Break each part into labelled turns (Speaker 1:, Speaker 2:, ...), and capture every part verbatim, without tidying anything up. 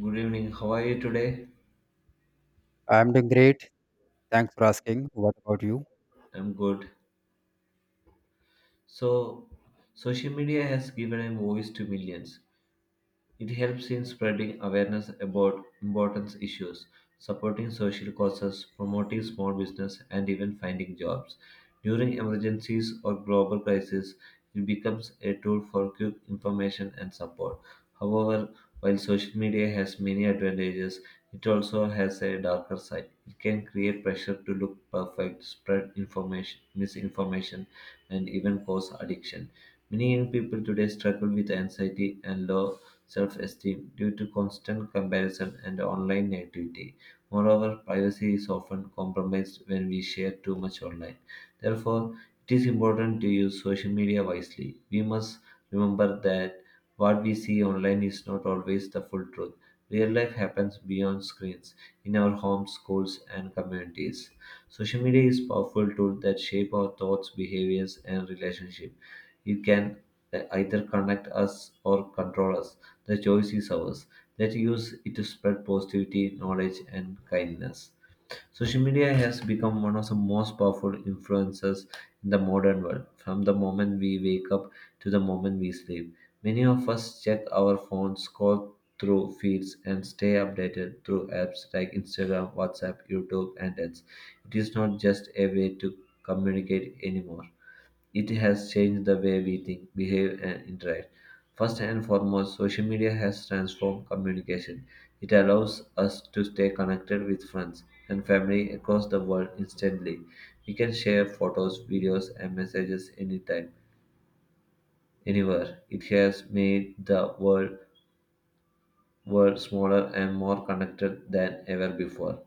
Speaker 1: Good evening. How are you today?
Speaker 2: I'm doing great. Thanks for asking. What about you?
Speaker 1: I'm good. So, social media has given a voice to millions. It helps in spreading awareness about important issues, supporting social causes, promoting small business, and even finding jobs. During emergencies or global crises, it becomes a tool for quick information and support. However, while social media has many advantages, it also has a darker side. It can create pressure to look perfect, spread information, misinformation, and even cause addiction. Many young people today struggle with anxiety and low self esteem due to constant comparison and online negativity. Moreover, privacy is often compromised when we share too much online. Therefore, it is important to use social media wisely. We must remember that what we see online is not always the full truth. Real life happens beyond screens, in our homes, schools, and communities. Social media is a powerful tool that shape our thoughts, behaviors, and relationships. It can uh, either connect us or control us. The choice is ours. Let's use it to spread positivity, knowledge, and kindness. Social media has become one of the most powerful influences in the modern world. From the moment we wake up to the moment we sleep, many of us check our phones, scroll through feeds, and stay updated through apps like Instagram, WhatsApp, YouTube, and else. It is not just a way to communicate anymore, it has changed the way we think, behave, and interact. First and foremost, social media has transformed communication. It allows us to stay connected with friends and family across the world instantly. We can share photos, videos, and messages anytime, anywhere. It has made the world world smaller and more connected than ever before.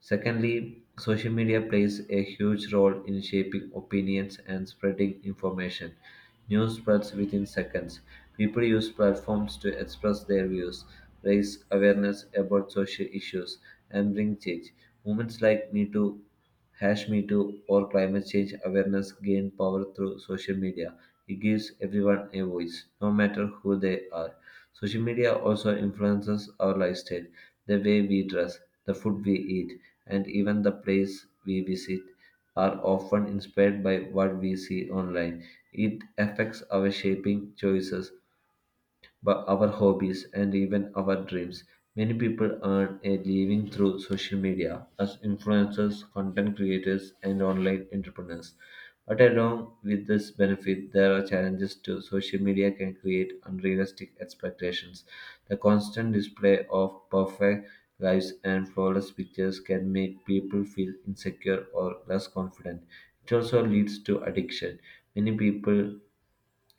Speaker 1: Secondly, social media plays a huge role in shaping opinions and spreading information. News spreads within seconds. People use platforms to express their views, raise awareness about social issues, and bring change. Movements like Me Too, Hash Me Too, or climate change awareness gain power through social media. It gives everyone a voice, no matter who they are. Social media also influences our lifestyle. The way we dress, the food we eat, and even the place we visit are often inspired by what we see online. It affects our shaping choices but our hobbies and even our dreams. Many people earn a living through social media as influencers, content creators, and online entrepreneurs. But along with this benefit, there are challenges too. Social media can create unrealistic expectations. The constant display of perfect lives and flawless pictures can make people feel insecure or less confident. It also leads to addiction. Many people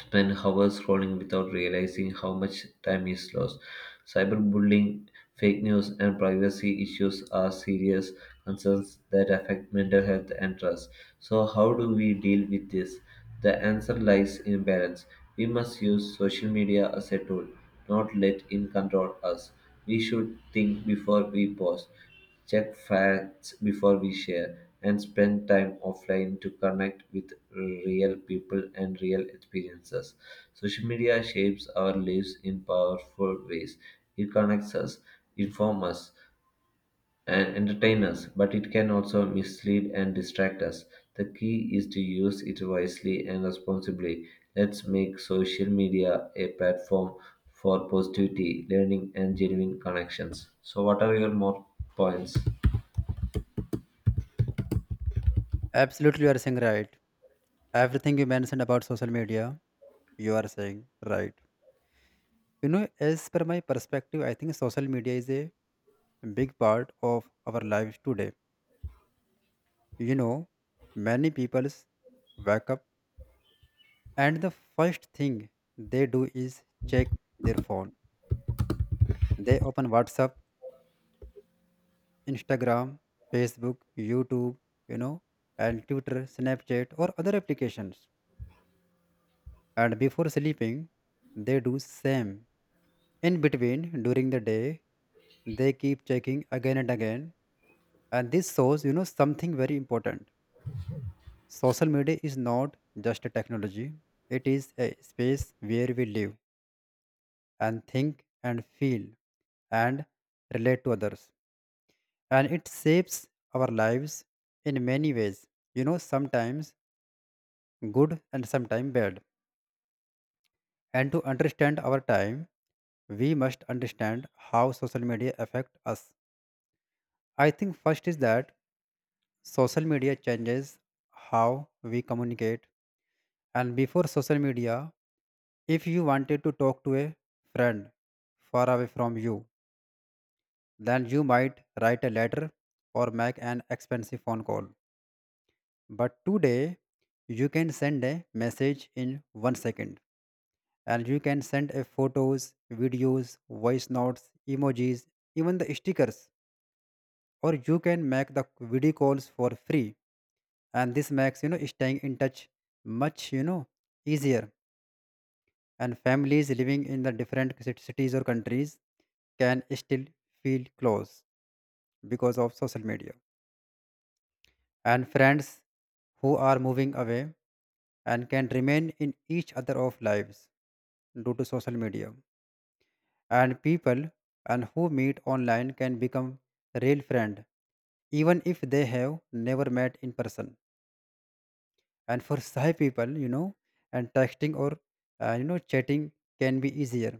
Speaker 1: spend hours scrolling without realizing how much time is lost. Cyberbullying, fake news, and privacy issues are serious concerns that affect mental health and trust. So, how do we deal with this? The answer lies in balance. We must use social media as a tool, not let it control us. We should think before we post, check facts before we share, and spend time offline to connect with real people and real experiences. Social media shapes our lives in powerful ways. It connects us, informs us, and entertains us, but it can also mislead and distract us. The key is to use it wisely and responsibly. Let's make social media a platform for positivity, learning, and genuine connections. So, what are your more points?
Speaker 2: Absolutely, you are saying right. Everything you mentioned about social media, you are saying right. You know, as per my perspective, I think social media is a big part of our lives today. You know, many people wake up, and the first thing they do is check their phone. They open WhatsApp, Instagram, Facebook, YouTube, you know, and Twitter, Snapchat, or other applications, and before sleeping they do same, in between during the day they keep checking again and again. And this shows you know something very important. Social media is not just a technology, it is a space where we live and think and feel and relate to others, and it shapes our lives in many ways, you know sometimes good and sometimes bad. And to understand our time, we must understand how social media affect us. I think first is that social media changes how we communicate. And before social media, if you wanted to talk to a friend far away from you, then you might write a letter or make an expensive phone call. But today, you can send a message in one second. And you can send a photos, videos, voice notes, emojis, even the stickers, or you can make the video calls for free. And this makes you know staying in touch much, you know easier. And families living in the different cit- cities or countries can still feel close because of social media, and friends who are moving away and can remain in each other of lives due to social media. And people and who meet online can become real friend, even if they have never met in person. And for shy people, you know and texting or uh, you know chatting can be easier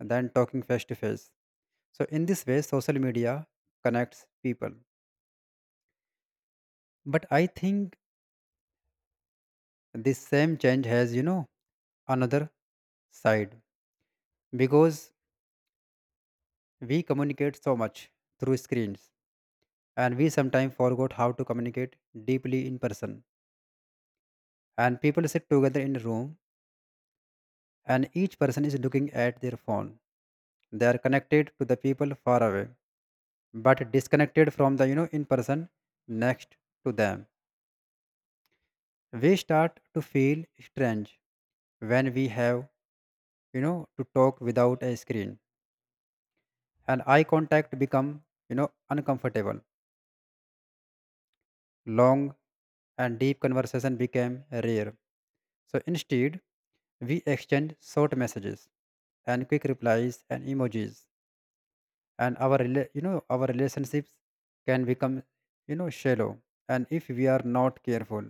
Speaker 2: than talking face to face. So in this way social media connects people. But I think this same change has, you know another side, because we communicate so much through screens, and we sometimes forgot how to communicate deeply in person. And people sit together in a room, and each person is looking at their phone. They are connected to the people far away, but disconnected from the you know in person next to them. We start to feel strange when we have, you know to talk without a screen, and eye contact become, you know uncomfortable. Long and deep conversation became rare. So instead we exchange short messages and quick replies and emojis. And our rela- you know our relationships can become, you know shallow, and if we are not careful.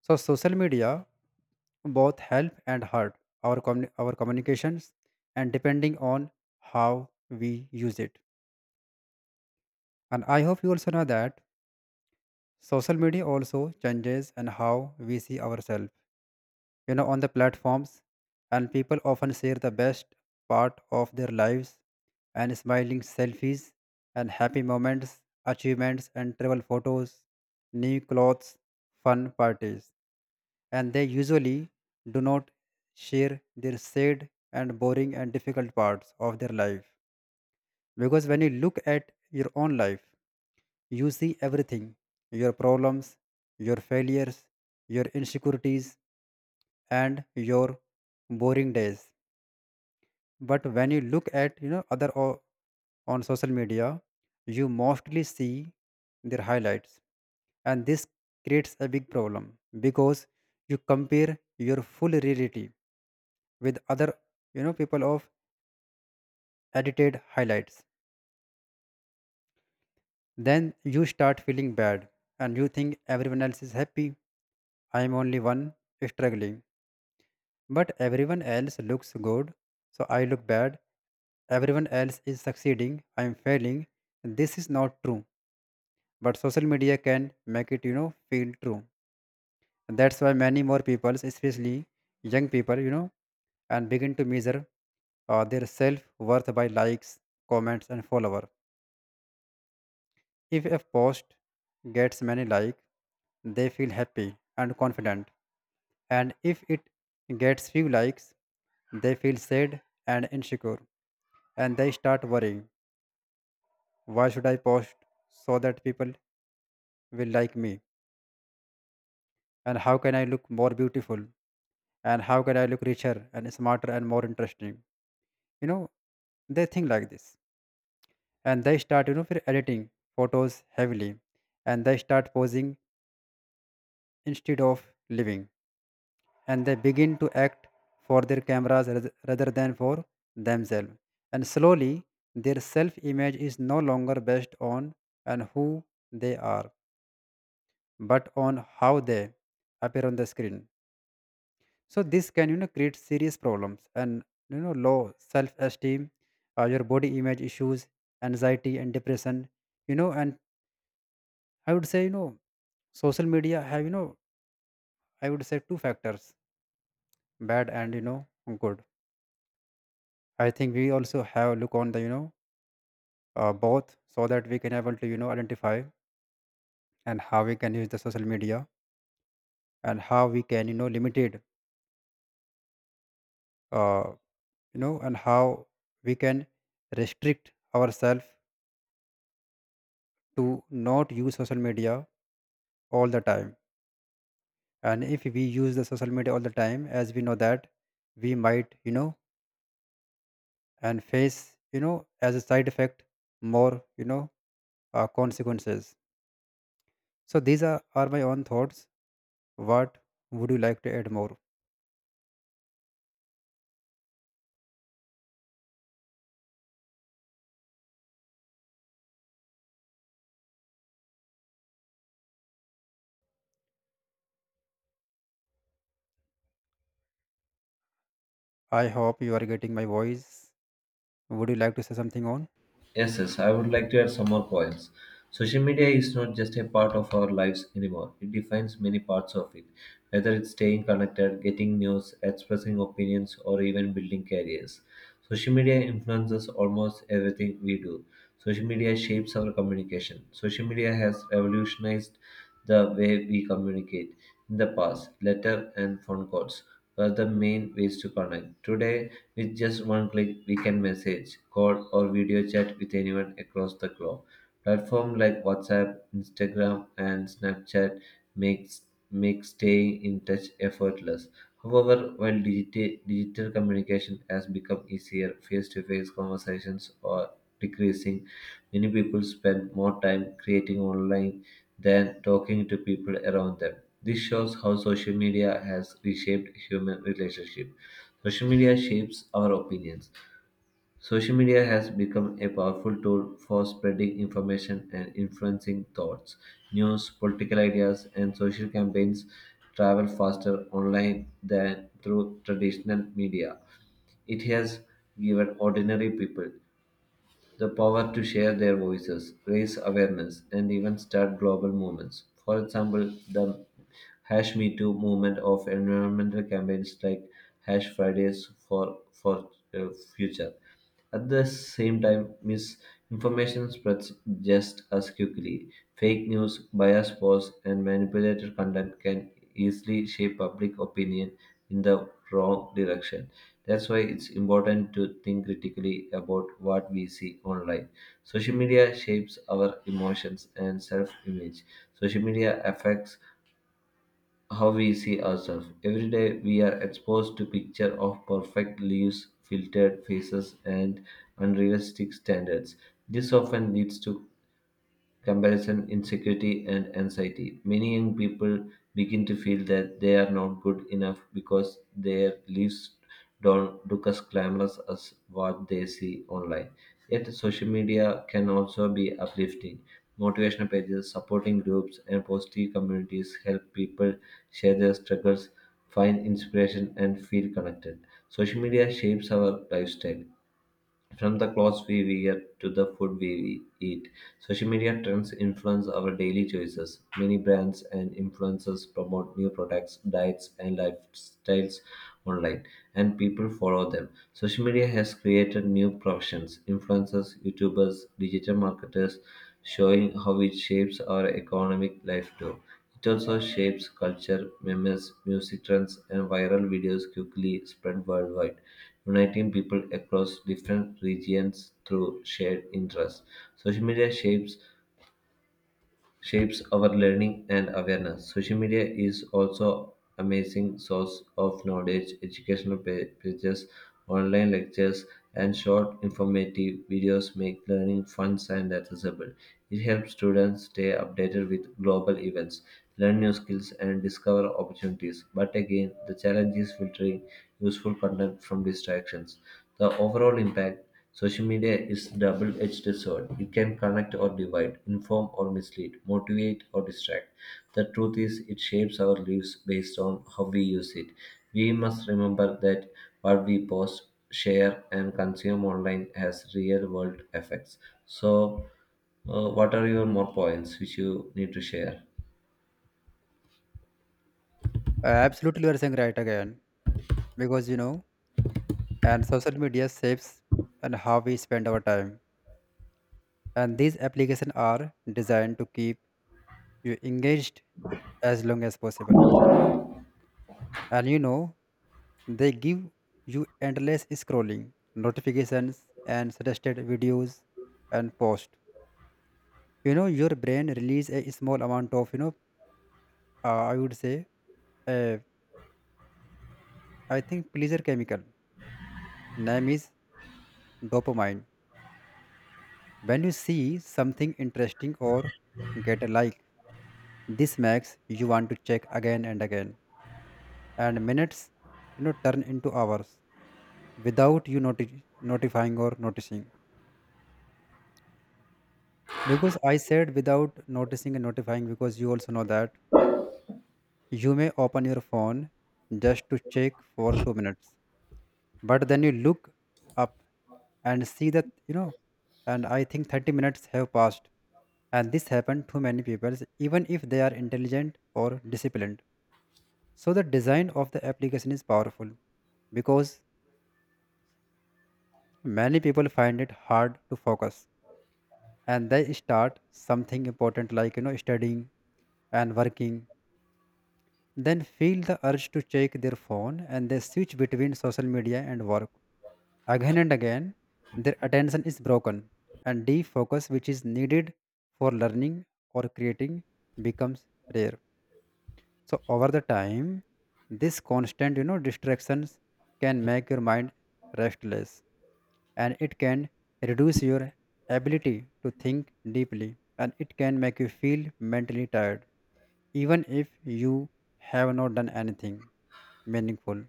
Speaker 2: So social media both help and hurt our communi- our communications, and depending on how we use it. And I hope you also know that social media also changes and how we see ourselves, you know on the platforms. And people often share the best part of their lives, and smiling selfies and happy moments, achievements and travel photos, new clothes, fun parties. And they usually do not share their sad and boring and difficult parts of their life. Because when you look at your own life, you see everything, your problems, your failures, your insecurities, and your boring days. But when you look at, you know other o- on social media, you mostly see their highlights. And this creates a big problem, because you compare your full reality with other, you know people of edited highlights. Then you start feeling bad, and you think everyone else is happy, I am only one struggling. But everyone else looks good, so I look bad. Everyone else is succeeding, I am failing. This is not true. But social media can make it, you know, feel true. And that's why many more people, especially young people, you know, and begin to measure uh, their self worth by likes, comments, and follower. If a post gets many likes, they feel happy and confident. And if it gets few likes, they feel sad and insecure. And they start worrying, why should I post so that people will like me? And how can I look more beautiful? And how can I look richer and smarter and more interesting? You know, they think like this, and they start, you know for editing photos heavily, and they start posing instead of living. And they begin to act for their cameras rath- rather than for themselves. And slowly, their self image is no longer based on and who they are, but on how they appear on the screen. So this can, you know create serious problems and, you know low self esteem, uh, your body image issues, anxiety and depression. You know, and I would say, you know social media have, you know I would say, two factors, bad and, you know good. I think we also have look on the, you know uh, both, so that we can able to, you know identify and how we can use the social media, and how we can, you know limited, uh, you know and how we can restrict ourselves to not use social media all the time. And if we use the social media all the time, as we know that we might, you know and face, you know as a side effect, more, you know uh, consequences. So these are, are my own thoughts. What would you like to add more? I hope you are getting my voice. Would you like to say something on?
Speaker 1: Yes, yes, I would like to add some more points. Social media is not just a part of our lives anymore. It defines many parts of it, whether it's staying connected, getting news, expressing opinions, or even building careers. Social media influences almost everything we do. Social media shapes our communication. Social media has revolutionized the way we communicate. In the past, letter and phone calls were the main ways to connect. Today, with just one click, we can message, call, or video chat with anyone across the globe. Platforms like WhatsApp, Instagram, and Snapchat makes make staying in touch effortless. However, while digiti- digital communication has become easier, face-to-face conversations are decreasing. Many people spend more time creating online than talking to people around them. This shows how social media has reshaped human relationship. Social media shapes our opinions. Social media has become a powerful tool for spreading information and influencing thoughts. News, political ideas, and social campaigns travel faster online than through traditional media. It has given ordinary people the power to share their voices, raise awareness, and even start global movements. For example, the Hash Me Too movement of environmental campaigns like Hash Fridays for, for uh, Future, at the same time, misinformation spreads just as quickly. Fake news, biased posts, and manipulated content can easily shape public opinion in the wrong direction. That's why it's important to think critically about what we see online. Social media shapes our emotions and self image. Social media affects how we see ourselves. Every day we are exposed to picture of perfect lives, filtered faces and unrealistic standards. This often leads to comparison, insecurity, and anxiety. Many young people begin to feel that they are not good enough because their lives don't look as glamorous as what they see online. Yet, social media can also be uplifting. Motivational pages, supporting groups, and positive communities help people share their struggles, find inspiration, and feel connected. Social media shapes our lifestyle. From the clothes we wear to the food we eat, social media trends influence our daily choices. Many brands and influencers promote new products, diets, and lifestyles online, and people follow them. Social media has created new professions influencers, YouTubers, digital marketers, showing how it shapes our economic life too. It also shapes culture, memes, music trends, and viral videos quickly spread worldwide, uniting people across different regions through shared interests. Social media shapes shapes our learning and awareness. Social media is also amazing source of knowledge, educational pa- pages, online lectures, and short informative videos make learning fun and accessible. It helps students stay updated with global events, learn new skills, and discover opportunities. But again, the challenge is filtering useful content from distractions. The overall impact, social media is double-edged sword. It can connect or divide, inform or mislead, motivate or distract. The truth is it shapes our lives based on how we use it. We must remember that what we post, share and consume online has real-world effects. So, uh, what are your more points which you need to share?
Speaker 2: Uh, Absolutely, you are saying right again. Because, you know, and social media shapes and how we spend our time. And these applications are designed to keep you engaged as long as possible. And you know, they give you endless scrolling, notifications, and suggested videos and posts. You know, your brain release a small amount of, you know, uh, I would say, uh, I think, pleasure chemical. Name is dopamine. When you see something interesting or get a like, this makes you want to check again and again. And minutes, you know, turn into hours without you noti- notifying or noticing. Because I said without noticing and notifying, because you also know that you may open your phone just to check for two minutes, but then you look up and see that, you know, and I think thirty minutes have passed. And this happened to many people, even if they are intelligent or disciplined. So the design of the application is powerful, because many people find it hard to focus, and they start something important like, you know studying and working, then feel the urge to check their phone, and they switch between social media and work again and again. Their attention is broken, and defocus which is needed for learning or creating becomes rare. So over the time this constant, you know distractions can make your mind restless, and it can reduce your ability to think deeply, and it can make you feel mentally tired, even if you have not done anything meaningful.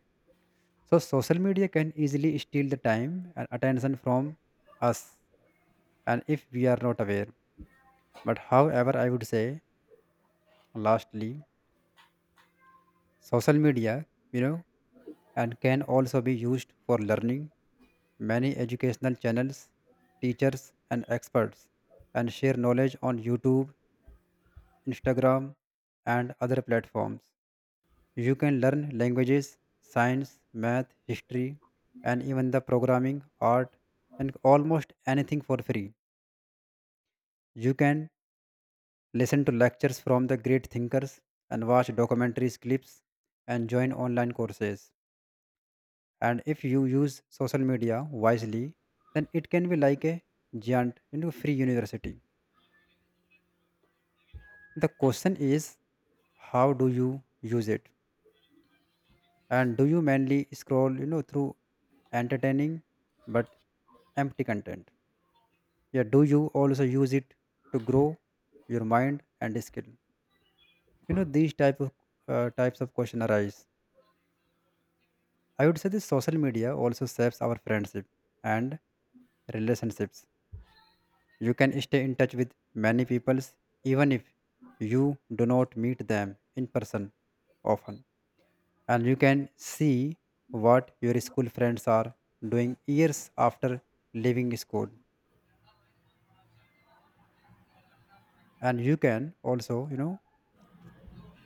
Speaker 2: So social media can easily steal the time and attention from us, and if we are not aware. But however I would say, lastly, social media, you know and can also be used for learning. Many educational channels, teachers, and experts, and share knowledge on YouTube, Instagram, and other platforms. You can learn languages, science, math, history, and even the programming, art, and almost anything for free. You can listen to lectures from the great thinkers, and watch documentaries, clips, and join online courses. And if you use social media wisely, then it can be like a giant, you know, free university. The question is, how do you use it? And do you mainly scroll, you know, through entertaining but empty content? Yeah, do you also use it to grow your mind and skill? You know, these type of uh, types of question arise. I would say this social media also shapes our friendship and relationships. You can stay in touch with many peoples, even if you do not meet them in person often. And you can see what your school friends are doing years after leaving school. And you can also, you know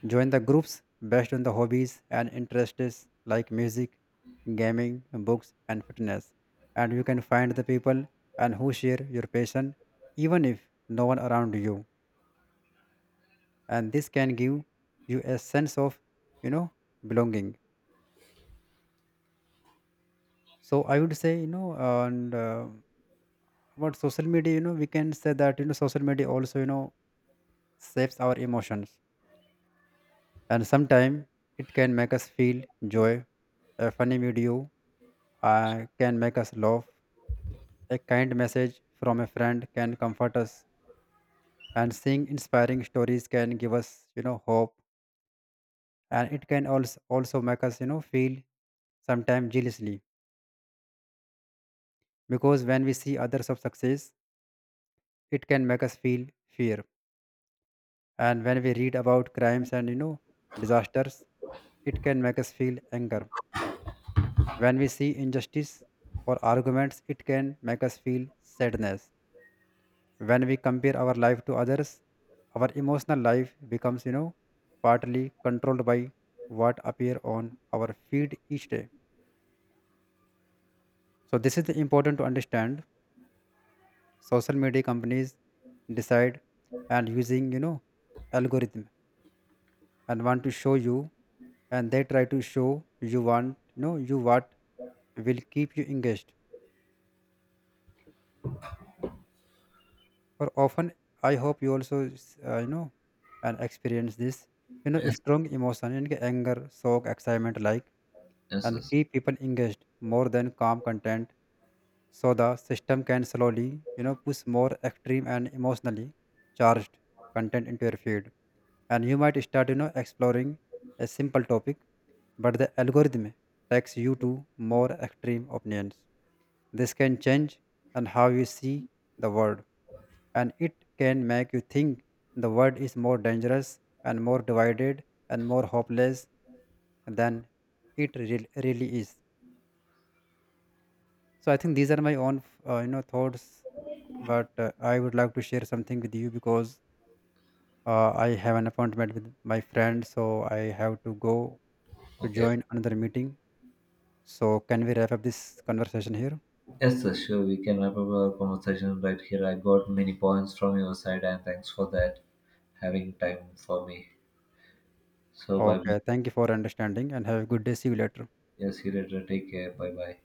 Speaker 2: join the groups based on the hobbies and interests, like music, gaming, books and fitness. And you can find the people and who share your passion, even if no one around you. And this can give you a sense of, you know belonging. So I would say, you know and uh, about social media, you know we can say that, you know social media also, you know shapes our emotions. And sometimes it can make us feel joy. A funny video uh, can make us laugh. A kind message from a friend can comfort us, and seeing inspiring stories can give us, you know hope. And it can also also make us, you know feel sometimes jealously, because when we see others of success it can make us feel fear. And when we read about crimes and, you know disasters, it can make us feel anger. When we see injustice or arguments, it can make us feel sadness. When we compare our life to others, our emotional life becomes, you know partly controlled by what appear on our feed each day. So this is the important to understand, social media companies decide and using, you know algorithms, and want to show you, and they try to show you want, you know you what will keep you engaged. Or often, I hope you also s- uh, you know and experience this, you know
Speaker 1: Yes,
Speaker 2: strong emotion in anger, shock, excitement, like
Speaker 1: yes,
Speaker 2: and
Speaker 1: yes.
Speaker 2: keep people engaged more than calm content. So the system can slowly, you know push more extreme and emotionally charged content into your feed. And you might start, you know exploring a simple topic, but the algorithm takes you to more extreme opinions. This can change and how you see the world, and it can make you think the world is more dangerous and more divided and more hopeless than it real- really is. So I think these are my own uh, you know thoughts, but uh, I would like to share something with you, because uh, I have an appointment with my friend, so I have to go to
Speaker 1: Okay.
Speaker 2: join another meeting. So can we wrap up this conversation here?
Speaker 1: Yes, sir, sure. We can wrap up our conversation right here. I got many points from your side, and thanks for that, having time for me. So, bye. Bye.
Speaker 2: Okay. Thank you for understanding and have a good day. See you later.
Speaker 1: Yes, see you later. Take care. Bye bye.